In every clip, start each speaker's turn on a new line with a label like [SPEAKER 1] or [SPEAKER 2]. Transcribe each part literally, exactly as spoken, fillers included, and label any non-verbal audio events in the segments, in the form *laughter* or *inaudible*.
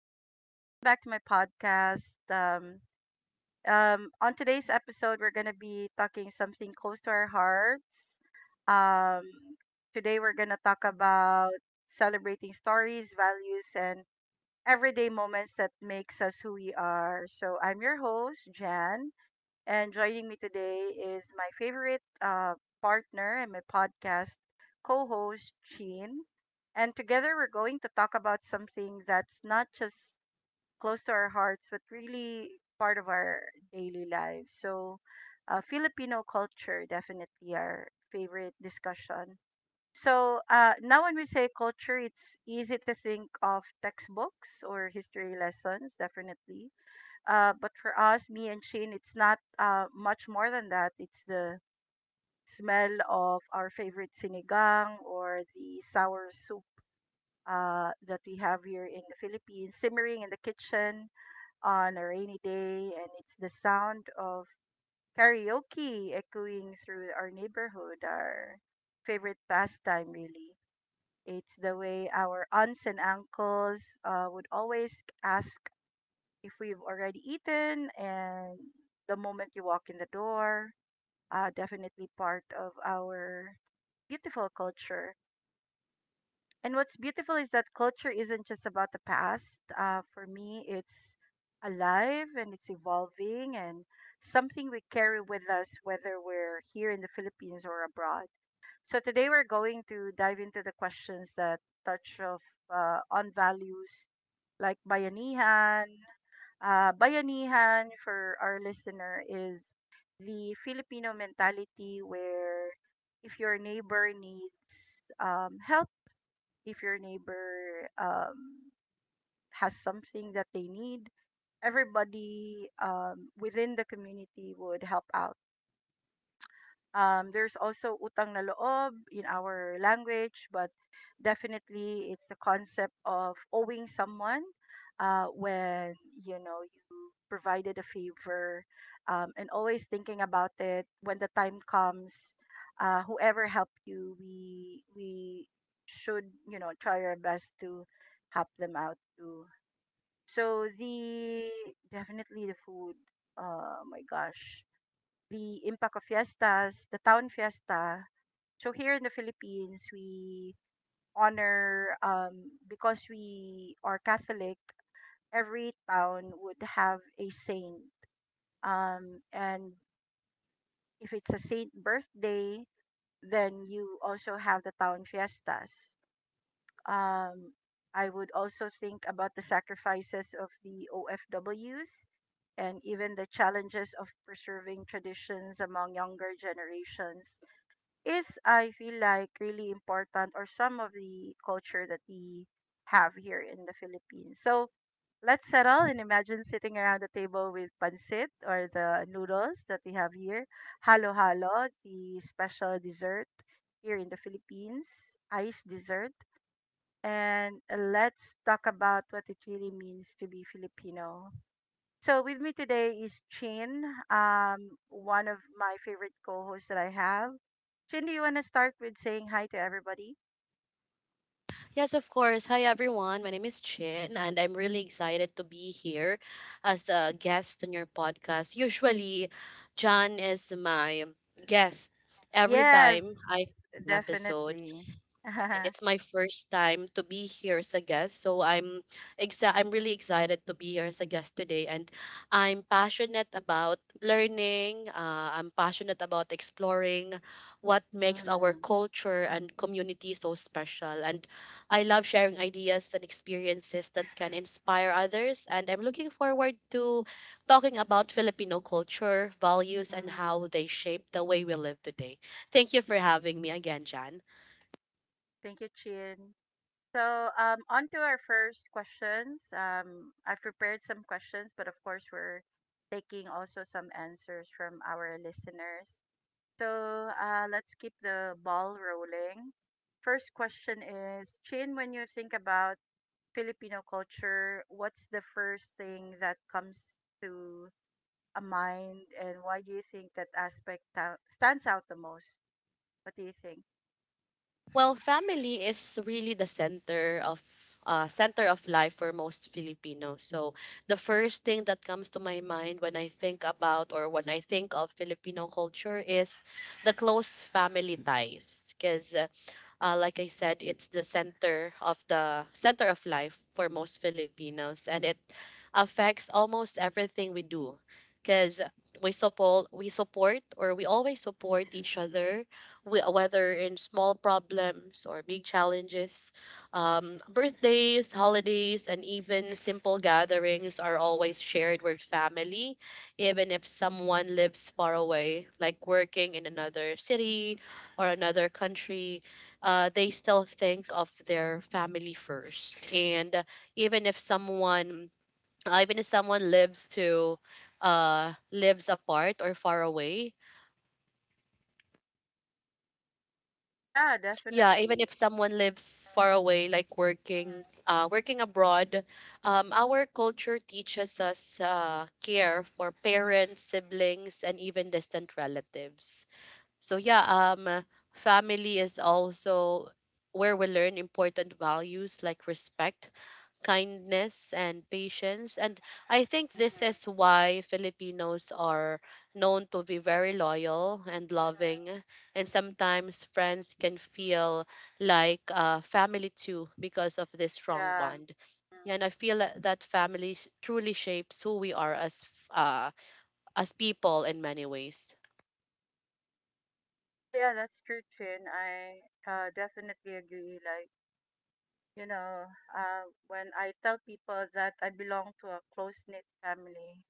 [SPEAKER 1] Um, welcome back to my podcast. Um, um, on today's episode, we're gonna be talking something close to our hearts. Um, Today we're gonna talk about celebrating stories, values, and everyday moments that makes us who we are. So I'm your host, Jan, and joining me today is my favorite uh, partner and my podcast co host, Sheen. And together we're going to talk about something that's not just close to our hearts, but really part of our daily lives. So, uh, Filipino culture, definitely our favorite discussion. So, uh, now when we say culture, it's easy to think of textbooks or history lessons, definitely, uh, but for us, me and Shane, it's not uh, much more than that. It's the smell of our favorite sinigang or the sour soup uh, that we have here in the Philippines, simmering in the kitchen on a rainy day. And it's the sound of karaoke echoing through our neighborhood, our favorite pastime, really. It's the way our aunts and uncles uh, would always ask if we've already eaten and the moment you walk in the door, uh, definitely part of our beautiful culture. And what's beautiful is that culture isn't just about the past. Uh, for me, it's alive and it's evolving and something we carry with us, whether we're here in the Philippines or abroad. So today we're going to dive into the questions that touch of uh, on values like bayanihan. Uh, bayanihan, for our listener, is the Filipino mentality where if your neighbor needs um, help, if your neighbor um, has something that they need, everybody um, within the community would help out. Um, there's also utang na loob in our language, but definitely it's the concept of owing someone uh, when you know you provided a favor, um, and always thinking about it when the time comes. Uh, whoever helped you, we we should, you know, try our best to help them out too. So the definitely the food. Oh my gosh, the impact of fiestas, the town fiesta. So here in the Philippines, we honor, um, because we are Catholic. Every town would have a saint, um, and if it's a saint birthday, then you also have the town fiestas. Um, I would also think about the sacrifices of the O F Ws and even the challenges of preserving traditions among younger generations is, I feel like, really important, or some of the culture that we have here in the Philippines. So let's settle and imagine sitting around the table with pancit or the noodles that we have here, halo halo, the special dessert here in the Philippines, ice dessert. And let's talk about what it really means to be Filipino. So with me today is Chin, um, one of my favorite co-hosts that I have. Chin, do you want to start with saying hi to everybody?
[SPEAKER 2] Yes, of course. Hi, everyone. My name is Chin, and I'm really excited to be here as a guest on your podcast. Usually, John is my guest every time
[SPEAKER 1] Yes,
[SPEAKER 2] I have an episode,
[SPEAKER 1] definitely. *laughs*
[SPEAKER 2] and
[SPEAKER 1] mm,
[SPEAKER 2] it's my first time to be here as a guest. So I'm exa- I'm really excited to be here as a guest today, and I'm passionate about learning. Uh, I'm passionate about exploring what makes our
[SPEAKER 1] mm.
[SPEAKER 2] culture and community so special, and I love sharing ideas and experiences that can inspire others. And I'm looking forward to talking about Filipino culture, values, and how they shape the way we live today. Thank you for having me again, Jan.
[SPEAKER 1] Thank you, Chin. So, um, on to our first questions. Um, I've prepared some questions, but of course we're taking also some answers from our listeners. So, uh, let's keep the ball rolling. First question is, Chin, when you think about Filipino culture, what's the first thing that comes to a mind, and why do you think that aspect ta- stands out the most? What do you think?
[SPEAKER 2] Well, family is really the center of uh, center of life for most Filipinos. So the first thing that comes to my mind when I think about or when I think of Filipino culture is the close family ties. Because uh, uh, like I said, it's the center of the center of life for most Filipinos, and it affects almost everything we do because we support we support or we always support each other we, whether in small problems or big challenges. Um, birthdays, holidays, and even simple gatherings are always shared with family, even if someone lives far away, like working in another city or another country. Uh, they still think of their family first, and even if someone uh, even if someone lives to uh lives apart or far away,
[SPEAKER 1] Yeah,
[SPEAKER 2] yeah, even
[SPEAKER 1] definitely.
[SPEAKER 2] if someone lives far away, like working uh working abroad. Um our culture teaches us uh care for parents, siblings, and even distant relatives. so yeah um Family is also where we learn important values like respect, kindness, and patience. And I think this is
[SPEAKER 1] hmm
[SPEAKER 2] why Filipinos are known to be very loyal and loving.
[SPEAKER 1] hmm
[SPEAKER 2] And sometimes friends can feel like uh, family too because of this strong
[SPEAKER 1] Yeah.
[SPEAKER 2] bond. Yeah,
[SPEAKER 1] Mm.
[SPEAKER 2] and I feel that that family sh- truly shapes who we are as f- uh, as people in many ways.
[SPEAKER 1] Oh, yeah, that's true, Chin. I, uh, definitely agree. Like, you know, uh, when I tell people that I belong to a close knit family,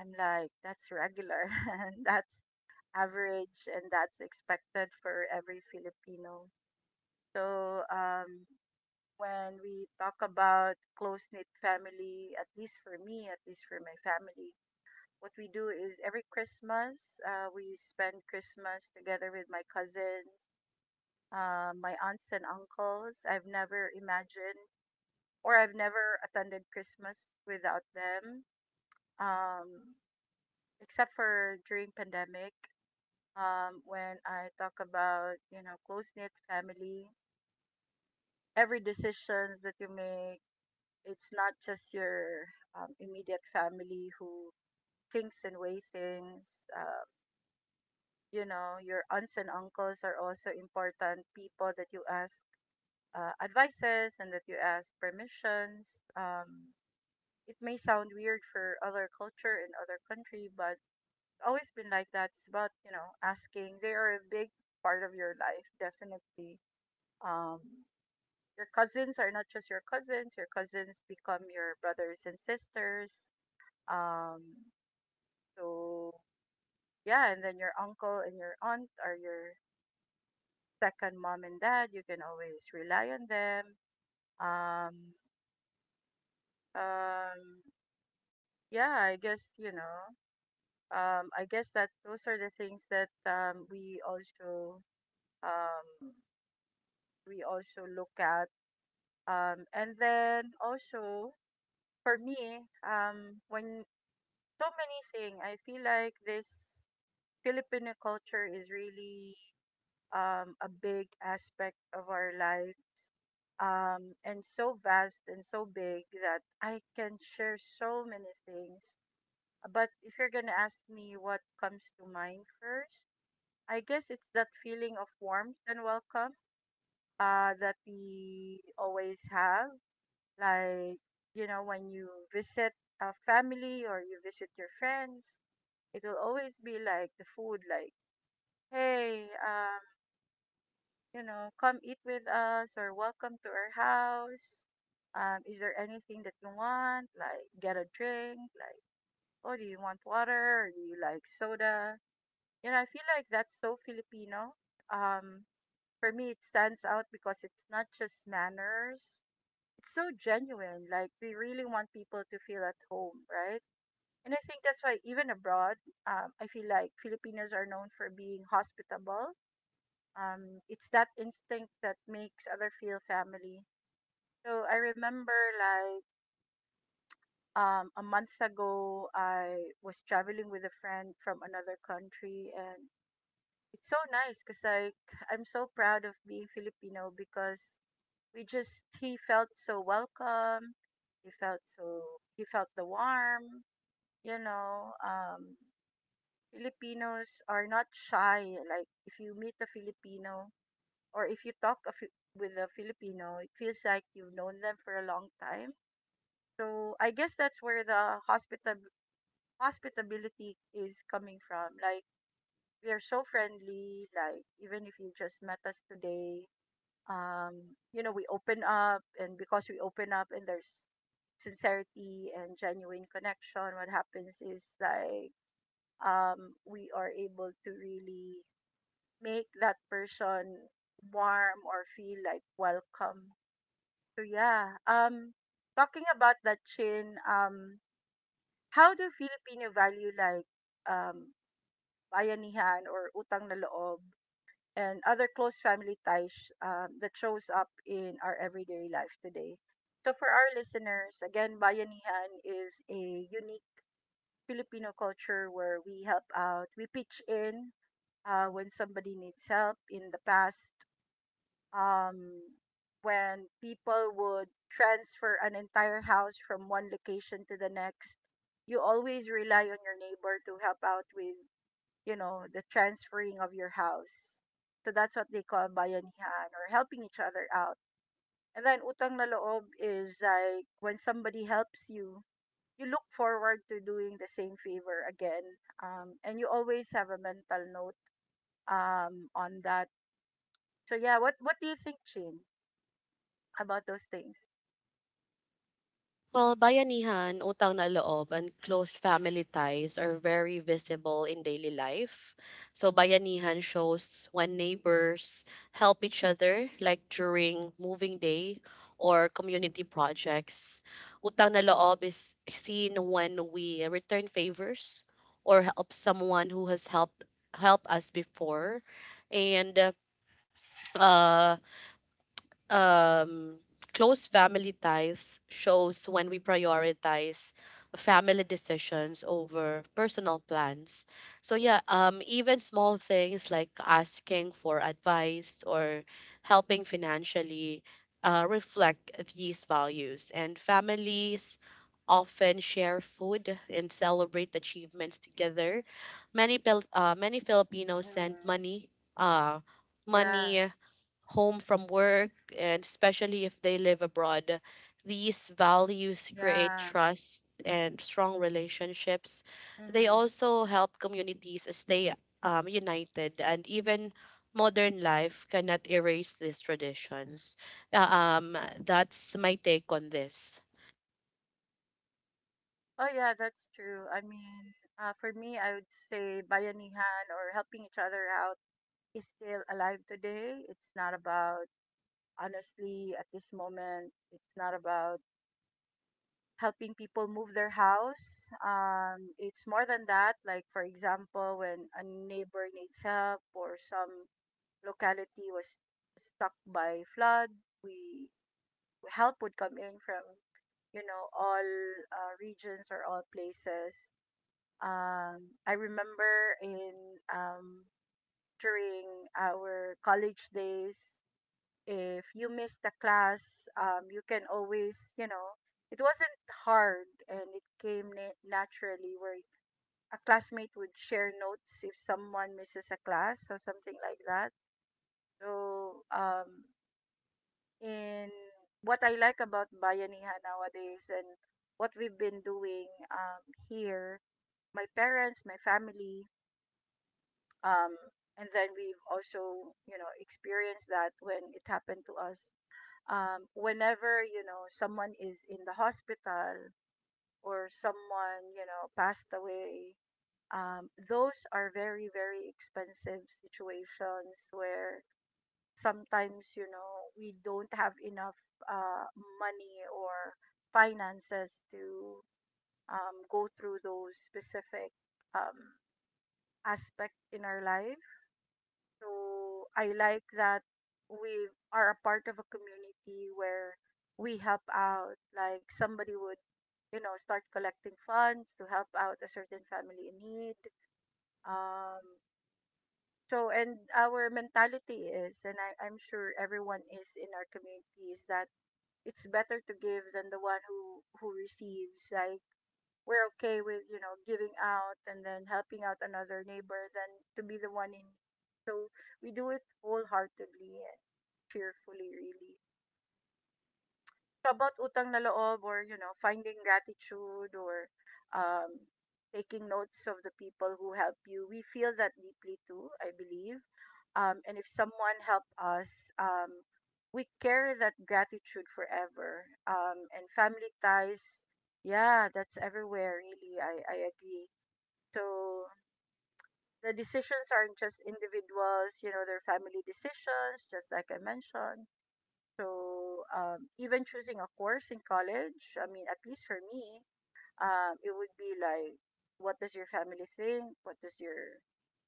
[SPEAKER 1] I'm like, that's regular, *laughs* and that's average and that's expected for every Filipino. So, um, when we talk about close knit family, at least for me, at least for my family, what we do is every Christmas, uh, we spend Christmas together with my cousins, uh, my aunts and uncles. I've never imagined or I've never attended Christmas without them, um, except for during pandemic. Um, when I talk about, you know, close knit family. Every decisions that you make, it's not just your um, immediate family who thinks and weighs things. Um, you know, your aunts and uncles are also important people that you ask uh, advices and that you ask permissions. Um, it may sound weird for other culture and other country, but it's always been like that. It's about, you know, asking. They are a big part of your life, definitely. um, your cousins are not just your cousins. Your cousins become your brothers and sisters. Um, so yeah, and then your uncle and your aunt are your second mom and dad. You can always rely on them. Um, um, yeah, I guess you know. Um, I guess that those are the things that um, we also um, we also look at. Um, and then also for me, um, when so many things. I feel like this Filipino culture is really, um, a big aspect of our life, um, and so vast and so big that I can share so many things. But if you're going to ask me what comes to mind first, I guess it's that feeling of warmth and welcome uh, that we always have. Like, you know, when you visit a family or you visit your friends, it will always be like the food, like, hey, um you know, come eat with us, or welcome to our house. Um is there anything that you want, like get a drink, like, oh, do you want water, or do you like soda? You know, I feel like that's so Filipino. um for me, it stands out because it's not just manners, it's so genuine. Like we really want people to feel at home, right? And I think that's why even abroad, um, I feel like Filipinos are known for being hospitable. Um, it's that instinct that makes other feel family. So I remember, like, um, a month ago, I was traveling with a friend from another country, and it's so nice because, like, I'm so proud of being Filipino because we just he felt so welcome. He felt so he felt the warm, you know. Um, Filipinos are not shy. Like if you meet a Filipino or if you talk a Fi- with a Filipino, it feels like you've known them for a long time. So I guess that's where the hospitab- hospitability is coming from. Like we are so friendly. Like even if you just met us today, um, you know, we open up, and because we open up, and there's sincerity and genuine connection. What happens is like, um we are able to really make that person warm or feel like welcome. So yeah, um, talking about that, Chin, um, how do Filipino value like um bayanihan or utang na loob and other close family ties um, that shows up in our everyday life today? So for our listeners, again, bayanihan is a unique Filipino culture where we help out, we pitch in uh, when somebody needs help. In the past, um, when people would transfer an entire house from one location to the next, you always rely on your neighbor to help out with, you know, the transferring of your house. So that's what they call bayanihan, or helping each other out. And then utang na loob is like when somebody helps you, you look forward to doing the same favor again. Um, and you always have a mental note um, on that. So yeah, what what do you think, Chin, about those things?
[SPEAKER 2] Well, bayanihan, utang na loob, and close family ties are very visible in daily life. So, bayanihan shows when neighbors help each other, like during moving day or community projects. Utang na loob is seen when we return favors or help someone who has helped help us before. And uh, um, close family ties shows when we prioritize family decisions over personal plans. So yeah, um, even small things like asking for advice or helping financially uh, reflect these values. And families often share food and celebrate achievements together. Many Pil- uh, many Filipinos send
[SPEAKER 1] Mhm.
[SPEAKER 2] money, uh,
[SPEAKER 1] Yeah,
[SPEAKER 2] money home from work, and especially if they live abroad. These values create
[SPEAKER 1] yeah.
[SPEAKER 2] trust and strong relationships. They
[SPEAKER 1] hmm
[SPEAKER 2] also help communities stay um, united, and even modern life cannot erase these traditions. Uh, um, that's my take on this.
[SPEAKER 1] Oh, yeah, that's true. I mean, uh, for me, I would say bayanihan, or helping each other out, is still alive today. It's not about, honestly, at this moment, it's not about helping people move their house. Um, it's more than that. Like, for example, when a neighbor needs help or some locality was stuck by flood, we, help would come in from, you know, all uh, regions or all places. um I remember in, um during our college days, if you missed the class, um you can always, you know, it wasn't hard, and it came na- naturally, where a classmate would share notes if someone misses a class or something like that. So, um in what I like about Bayanihan nowadays, and what we've been doing, um, here, my parents, my family, um, and then we've also, you know, experienced that when it happened to us. Um, whenever, you know, someone is in the hospital or someone, you know, passed away, um, those are very, very expensive situations where sometimes you know we don't have enough uh, money or finances to um, go through those specific um, aspect in our life. So I like that we are a part of a community where we help out, like somebody would you know start collecting funds to help out a certain family in need. um, so, and our mentality is, and I, I'm sure everyone is in our community, is that it's better to give than the one who who receives. Like, we're okay with you know giving out and then helping out another neighbor than to be the one in need. So we do it wholeheartedly and cheerfully. Really, about utang na loob, or you know finding gratitude, or um, taking notes of the people who help you, we feel that deeply too, I believe. Um, and if someone helped us, um, we carry that gratitude forever. Um, and family ties, yeah, that's everywhere, really. i, I agree. So the decisions aren't just individuals, you know they're family decisions, just like I mentioned. So um, even choosing a course in college, I mean, at least for me, um, it would be like, what does your family think? What does your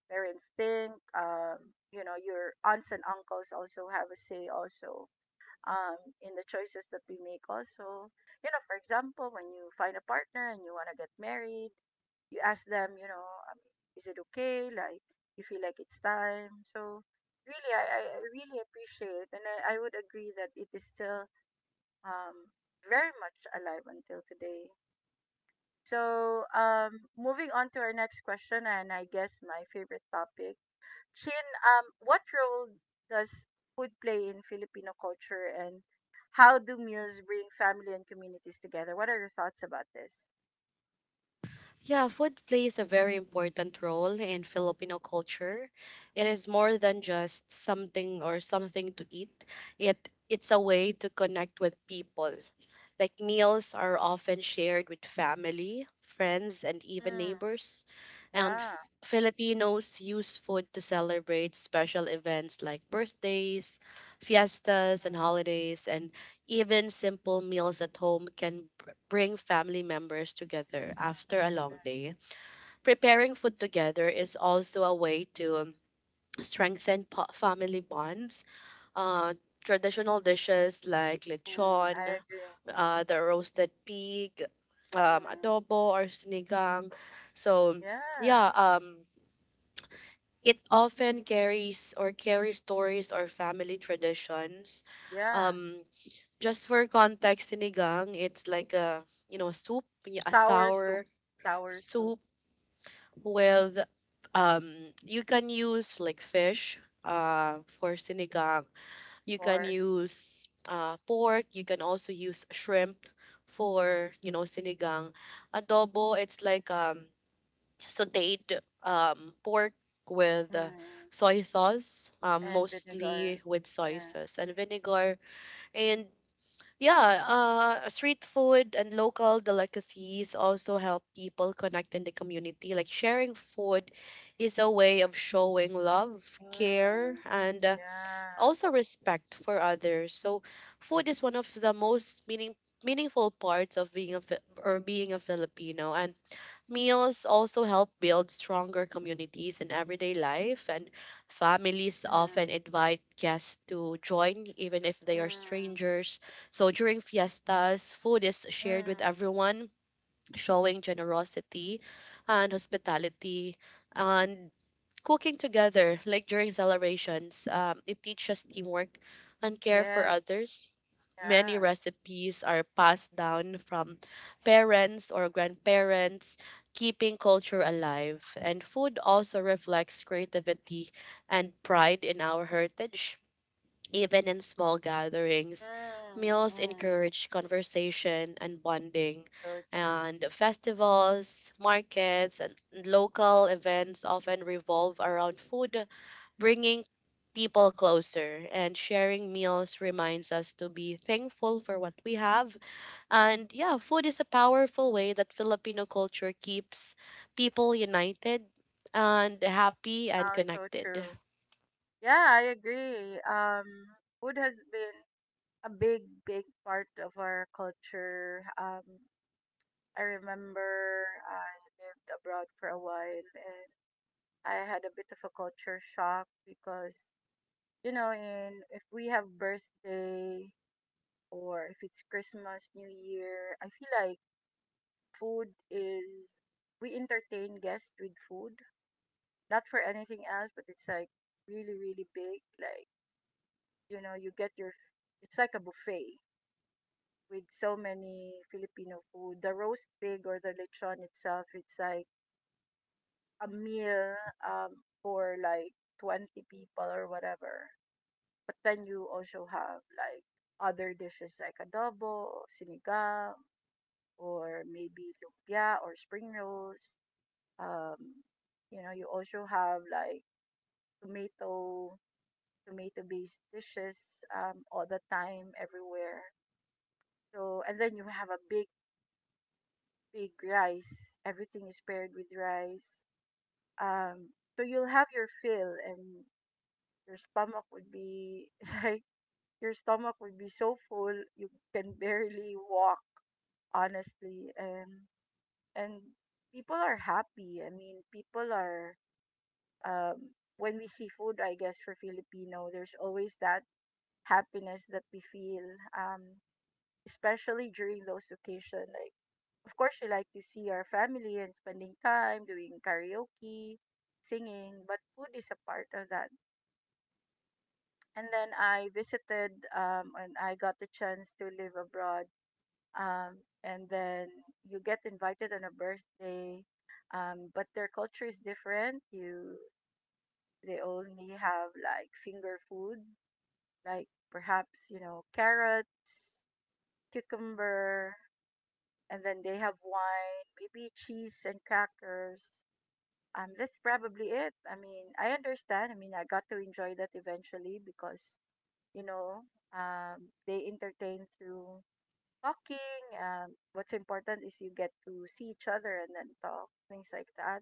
[SPEAKER 1] parents think? Um, you know, your aunts and uncles also have a say also, um, in the choices that we make also. You know, for example, when you find a partner and you want to get married, you ask them, you know, um, is it okay? Like, you feel like it's time. So really, I, I I really appreciate, and I, I would agree that it is still um, very much alive until today. So, um, moving on to our next question, and I guess my favorite topic. Chin, um, what role does food play in Filipino culture, and how do meals bring family and communities together? What are your thoughts about this?
[SPEAKER 2] Yeah, food plays a very important role in Filipino culture. It is more than just something or something to eat. It it's a way to connect with people. Like meals are often shared with family, friends, and even
[SPEAKER 1] Mm,
[SPEAKER 2] neighbors. And
[SPEAKER 1] yeah.
[SPEAKER 2] F- Filipinos use food to celebrate special events like birthdays, fiestas, and holidays. And even simple meals at home can br- bring family members together after a long day. Preparing food together is also a way to um, strengthen po- family bonds. Uh, Traditional dishes like
[SPEAKER 1] Mm, I
[SPEAKER 2] lechon,
[SPEAKER 1] agree.
[SPEAKER 2] uh, the roasted pig, um,
[SPEAKER 1] Mm,
[SPEAKER 2] adobo, or sinigang. So,
[SPEAKER 1] yeah,
[SPEAKER 2] yeah, um, it often carries or carries stories or family traditions.
[SPEAKER 1] yeah.
[SPEAKER 2] Um, just for context, sinigang, it's like a, you know, soup, y- a
[SPEAKER 1] Sour soup,
[SPEAKER 2] sour
[SPEAKER 1] sour soup,
[SPEAKER 2] soup with, um, you can use like fish, uh, for sinigang. You can
[SPEAKER 1] pork,
[SPEAKER 2] use, uh, pork. You can also use shrimp for, you know, sinigang. Adobo, it's like, um, sauteed, um, pork with uh,
[SPEAKER 1] mm,
[SPEAKER 2] soy sauce, um,
[SPEAKER 1] and vinegar.
[SPEAKER 2] mostly with soy
[SPEAKER 1] Yeah.
[SPEAKER 2] sauce and vinegar. And yeah, uh, street food and local delicacies also help people connect in the community. Like sharing food is a way of showing love, care,
[SPEAKER 1] Mm,
[SPEAKER 2] and uh,
[SPEAKER 1] yeah.
[SPEAKER 2] also respect for others. So food is one of the most meaning meaningful parts of being a Fi- or being a Filipino. And meals also help build stronger communities in everyday life, and families often
[SPEAKER 1] Mm.
[SPEAKER 2] invite guests to join, even if they are
[SPEAKER 1] Mm.
[SPEAKER 2] strangers. So during fiestas, food is shared with
[SPEAKER 1] Mm.
[SPEAKER 2] everyone, showing generosity and hospitality. And cooking together, like during celebrations, um, it teaches teamwork and care for
[SPEAKER 1] Yes.
[SPEAKER 2] others. Many
[SPEAKER 1] Yeah.
[SPEAKER 2] recipes are passed down from parents or grandparents, keeping culture alive. And food also reflects creativity and pride in our heritage. Even in small gatherings,
[SPEAKER 1] Mm.
[SPEAKER 2] meals
[SPEAKER 1] Mm.
[SPEAKER 2] encourage conversation and bonding.
[SPEAKER 1] So true.
[SPEAKER 2] And festivals, markets, and local events often revolve around food, bringing people closer, and sharing meals reminds us to be thankful for what we have. And yeah, food is a powerful way that Filipino culture keeps people united and happy and
[SPEAKER 1] No, so
[SPEAKER 2] connected.
[SPEAKER 1] true. Yeah, I agree. Um, food has been a big, big part of our culture. Um, I remember I lived abroad for a while, and I had a bit of a culture shock because, you know, in if we have birthday or if it's Christmas, New Year, I feel like food is we entertain guests with food, not for anything else, but it's like really, really big. Like, you know, you get your, it's like a buffet with so many Filipino food. The roast pig or the lechon itself, it's like a meal um, for like twenty people or whatever. But then you also have like other dishes like adobo, sinigang, or maybe lumpia or spring rolls. Um, you know, you also have like tomato, tomato based dishes um, all the time, everywhere. So, and then you have a big, big rice. Everything is paired with rice. Um, so you'll have your fill, and your stomach would be *laughs* like, your stomach would be so full, you can barely walk, honestly. And, and people are happy. I mean, people are um, when we see food, I guess for Filipino, there's always that happiness that we feel, um, especially during those occasions. Like, of course, we like to see our family and spending time doing karaoke, singing, but food is a part of that. And then I visited, um, and I got the chance to live abroad. Um, and then you get invited on a birthday, um, but their culture is different. You They only have like finger food, like perhaps, you know, carrots, cucumber, and then they have wine, maybe cheese and crackers. Um, that's probably it. I mean, I understand. I mean, I got to enjoy that eventually because, you know, um, they entertain through talking. Um, what's important is you get to see each other and then talk, things like that.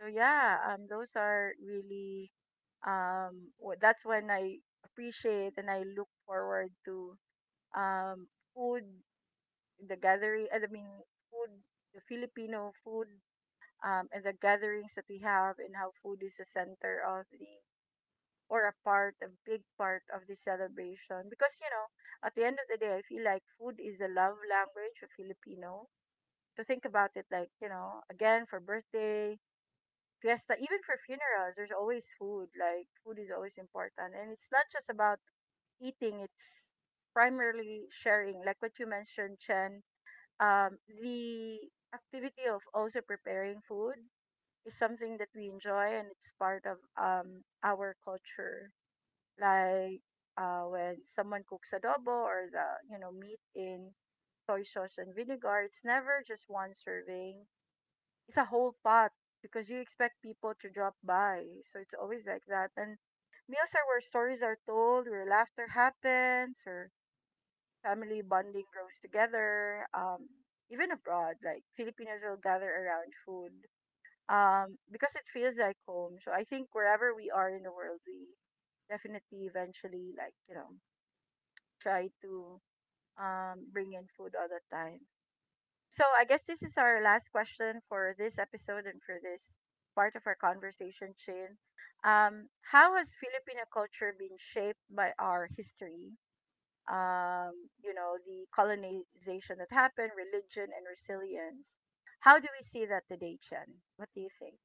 [SPEAKER 1] So, yeah, um, those are really um w- that's when I appreciate and I look forward to um, food, the gathering, I mean, food, the Filipino food, um, and the gatherings that we have, and how food is a center of the or a part, a big part of the celebration. Because you know, at the end of the day, I feel like food is the love language of Filipino. To think about it, like you know, again for birthday. Fiesta, even for funerals, there's always food. Like, food is always important, and it's not just about eating; it's primarily sharing, like what you mentioned, Chen. Um, the activity of also preparing food is something that we enjoy, and it's part of um, our culture. Like, uh, when someone cooks adobo, or the you know meat in soy sauce and vinegar, it's never just one serving. It's a whole pot because you expect people to drop by. So it's always like that. And meals are where stories are told, where laughter happens, or family bonding grows together. Um, even abroad, like Filipinos will gather around food um, because it feels like home. So I think wherever we are in the world, we definitely eventually, like, you know, try to um, bring in food all the time. So I guess this is our last question for this episode and for this part of our conversation, Shane. Um, how has Filipino culture been shaped by our history? um, you know, the colonization that happened, religion, and resilience. How do we see that today, Chen? What do you think?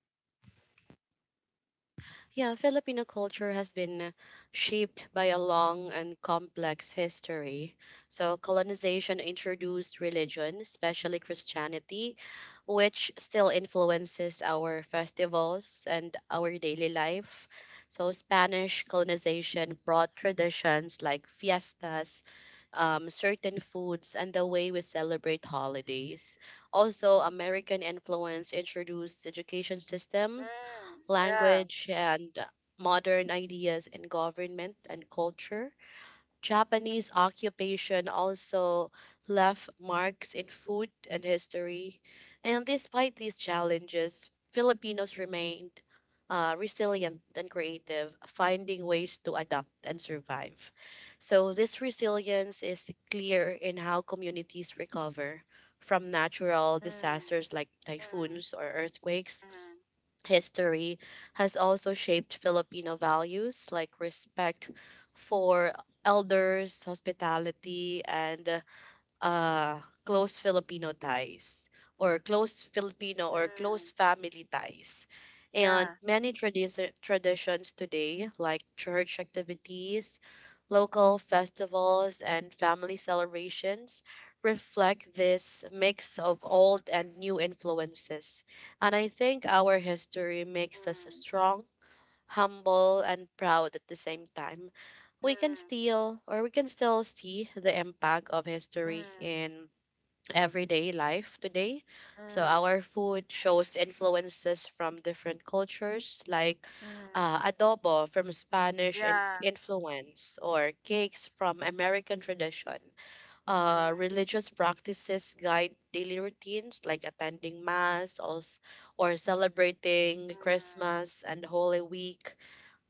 [SPEAKER 2] Yeah, Filipino culture has been shaped by a long and complex history. So, colonization introduced religion, especially Christianity, which still influences our festivals and our daily life. So, Spanish colonization brought traditions like fiestas, um, certain foods, and the way we celebrate holidays. Also, American influence introduced education systems,
[SPEAKER 1] Mm, yeah.
[SPEAKER 2] language, and modern ideas in government and culture. Japanese occupation also left marks in food and history. And despite these challenges, Filipinos remained uh, resilient and creative, finding ways to adapt and survive. So, this resilience is clear in how communities recover from natural
[SPEAKER 1] Mm,
[SPEAKER 2] disasters like
[SPEAKER 1] mm,
[SPEAKER 2] typhoons or earthquakes.
[SPEAKER 1] mm,
[SPEAKER 2] History has also shaped Filipino values like respect for elders, hospitality, and uh, close Filipino ties or close Filipino or close
[SPEAKER 1] mm,
[SPEAKER 2] family ties. And
[SPEAKER 1] yeah.
[SPEAKER 2] many tradis- traditions today, like church activities, local festivals, and family celebrations, reflect this mix of old and new influences. And I think our history makes us
[SPEAKER 1] Mm,
[SPEAKER 2] strong, humble, and proud at the same time. We can
[SPEAKER 1] mm,
[SPEAKER 2] still or we can still see the impact of history
[SPEAKER 1] mm,
[SPEAKER 2] in everyday life today. So our
[SPEAKER 1] mm,
[SPEAKER 2] food shows influences from different cultures, like
[SPEAKER 1] mm,
[SPEAKER 2] uh, adobo from Spanish in-
[SPEAKER 1] yeah.
[SPEAKER 2] influence or cakes from American tradition. Uh,
[SPEAKER 1] Mm,
[SPEAKER 2] religious practices guide daily routines like attending mass or, s- or celebrating
[SPEAKER 1] mm,
[SPEAKER 2] Christmas and Holy Week.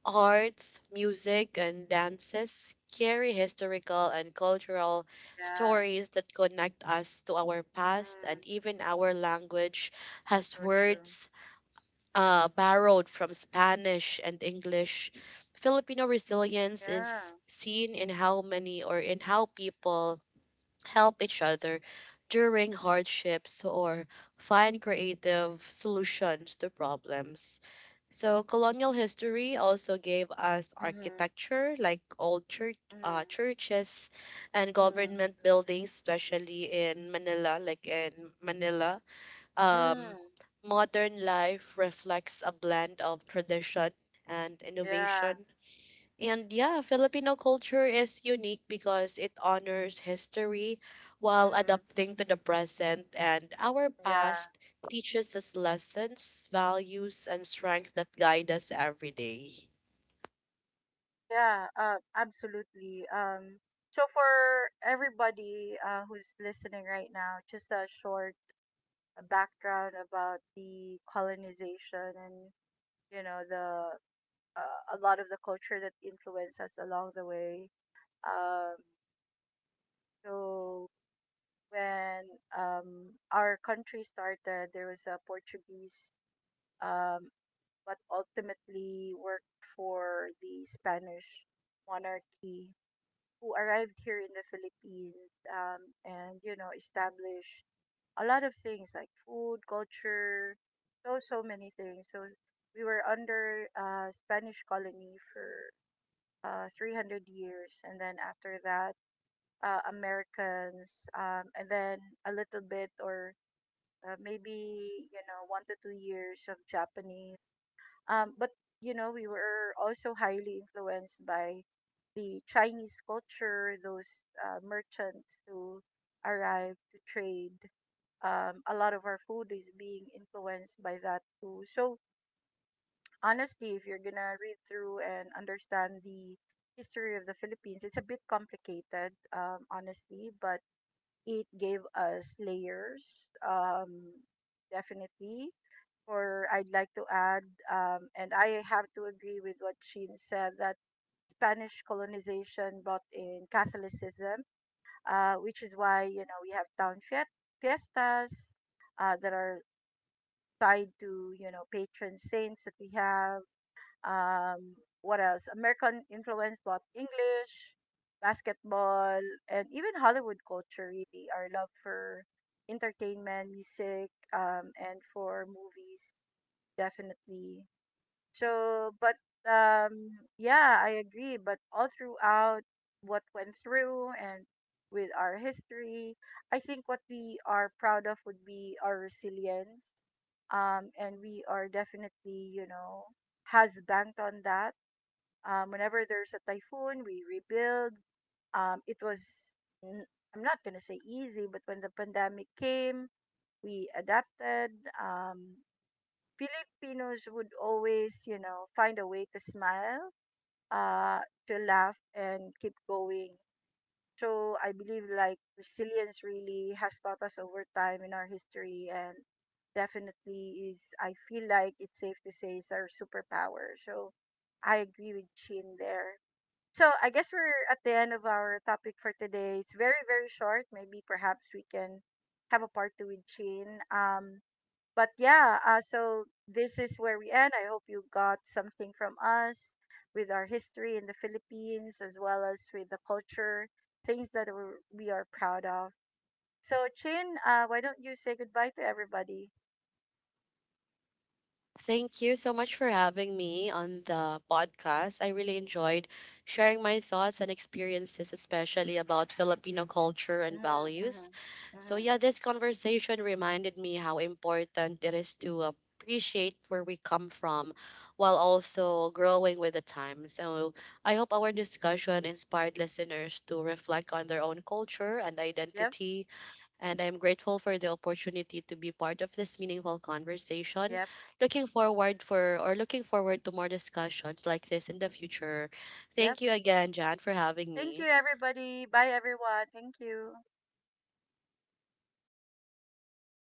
[SPEAKER 2] Arts, music, and dances carry historical and cultural
[SPEAKER 1] yeah.
[SPEAKER 2] stories that connect us to our past, and
[SPEAKER 1] Mm,
[SPEAKER 2] even our language has
[SPEAKER 1] so true.
[SPEAKER 2] words uh, borrowed from Spanish and English. Filipino resilience
[SPEAKER 1] Yeah.
[SPEAKER 2] is seen in how many or in how people help each other during hardships or find creative solutions to problems. So colonial history also gave us
[SPEAKER 1] Mm-hmm,
[SPEAKER 2] architecture like old church, uh,
[SPEAKER 1] mm,
[SPEAKER 2] churches and
[SPEAKER 1] mm,
[SPEAKER 2] government buildings, especially in Manila, like in Manila.
[SPEAKER 1] mm,
[SPEAKER 2] Um, Modern life reflects a blend of tradition and
[SPEAKER 1] yeah.
[SPEAKER 2] innovation, and yeah, Filipino culture is unique because it honors history while
[SPEAKER 1] Mm-hmm,
[SPEAKER 2] adapting to the present, and our
[SPEAKER 1] yeah.
[SPEAKER 2] past teaches us lessons, values, and strength that guide us every day.
[SPEAKER 1] Oh yeah, uh, absolutely. Um, so for everybody, uh, who's listening right now, just a short uh, background about the colonization, and you know the uh, a lot of the culture that influenced us along the way. Um, so when um, our country started, there was a Portuguese, um, but ultimately worked for the Spanish monarchy who arrived here in the Philippines, um, and, you know, established a lot of things like food, culture, so, so many things. So we were under uh, Spanish colony for uh, three hundred years. And then after that, uh, Americans, um, and then a little bit or uh, maybe, you know, one to two years of Japanese. Um, but you know, we were also highly influenced by the Chinese culture, those uh, merchants who arrived to trade. Um, a lot of our food is being influenced by that too. So honestly, if you're gonna read through and understand the history of the Philippines, it's a bit complicated, um, honestly, but it gave us layers, um, definitely. Or I'd like to add, um, and I have to agree with what Sheen said, that Spanish colonization brought in Catholicism, uh, which is why, you know, we have town fiet- fiestas uh, that are tied to, you know, patron saints that we have. Um, what else? American influence brought English, basketball, and even Hollywood culture, really, our love for entertainment, music, um, and for movies, definitely so, but um, yeah, I agree. But all throughout what went through and with our history, I think what we are proud of would be our resilience. Um, and we are definitely, you know, has banked on that. Um, whenever there's a typhoon, we rebuild. Um, it was, n- I'm not gonna say easy, but when the pandemic came, we adapted. Um, Filipinos would always, you know, find a way to smile, uh, to laugh, and keep going. So I believe like resilience really has taught us over time in our history, and definitely is. I feel like it's safe to say is our superpower. So I agree with Chin there. So I guess we're at the end of our topic for today. It's very, very short. Maybe perhaps we can have a part two with Chin. Um, but yeah, uh, so this is where we end. I hope you got something from us with our history in the Philippines as well as with the culture, things that we're, we are proud of. So, Chin, uh, why don't you say goodbye to everybody?
[SPEAKER 2] Thank you so much for having me on the podcast. I really enjoyed sharing my thoughts and experiences, especially about Filipino culture and
[SPEAKER 1] Mm-hmm,
[SPEAKER 2] values.
[SPEAKER 1] mm-hmm,
[SPEAKER 2] So,
[SPEAKER 1] mm-hmm.
[SPEAKER 2] yeah, this conversation reminded me how important it is to appreciate where we come from while also growing with the time. So, I hope our discussion inspired listeners to reflect on their own culture and
[SPEAKER 1] Yep,
[SPEAKER 2] identity, and I'm grateful for the opportunity to be part of this meaningful conversation.
[SPEAKER 1] yep,
[SPEAKER 2] Looking forward for or looking forward to more discussions like this in the future.
[SPEAKER 1] yep.
[SPEAKER 2] Thank you again, Jan, for having
[SPEAKER 1] Thank you,
[SPEAKER 2] me.
[SPEAKER 1] everybody. Bye, everyone. Thank you.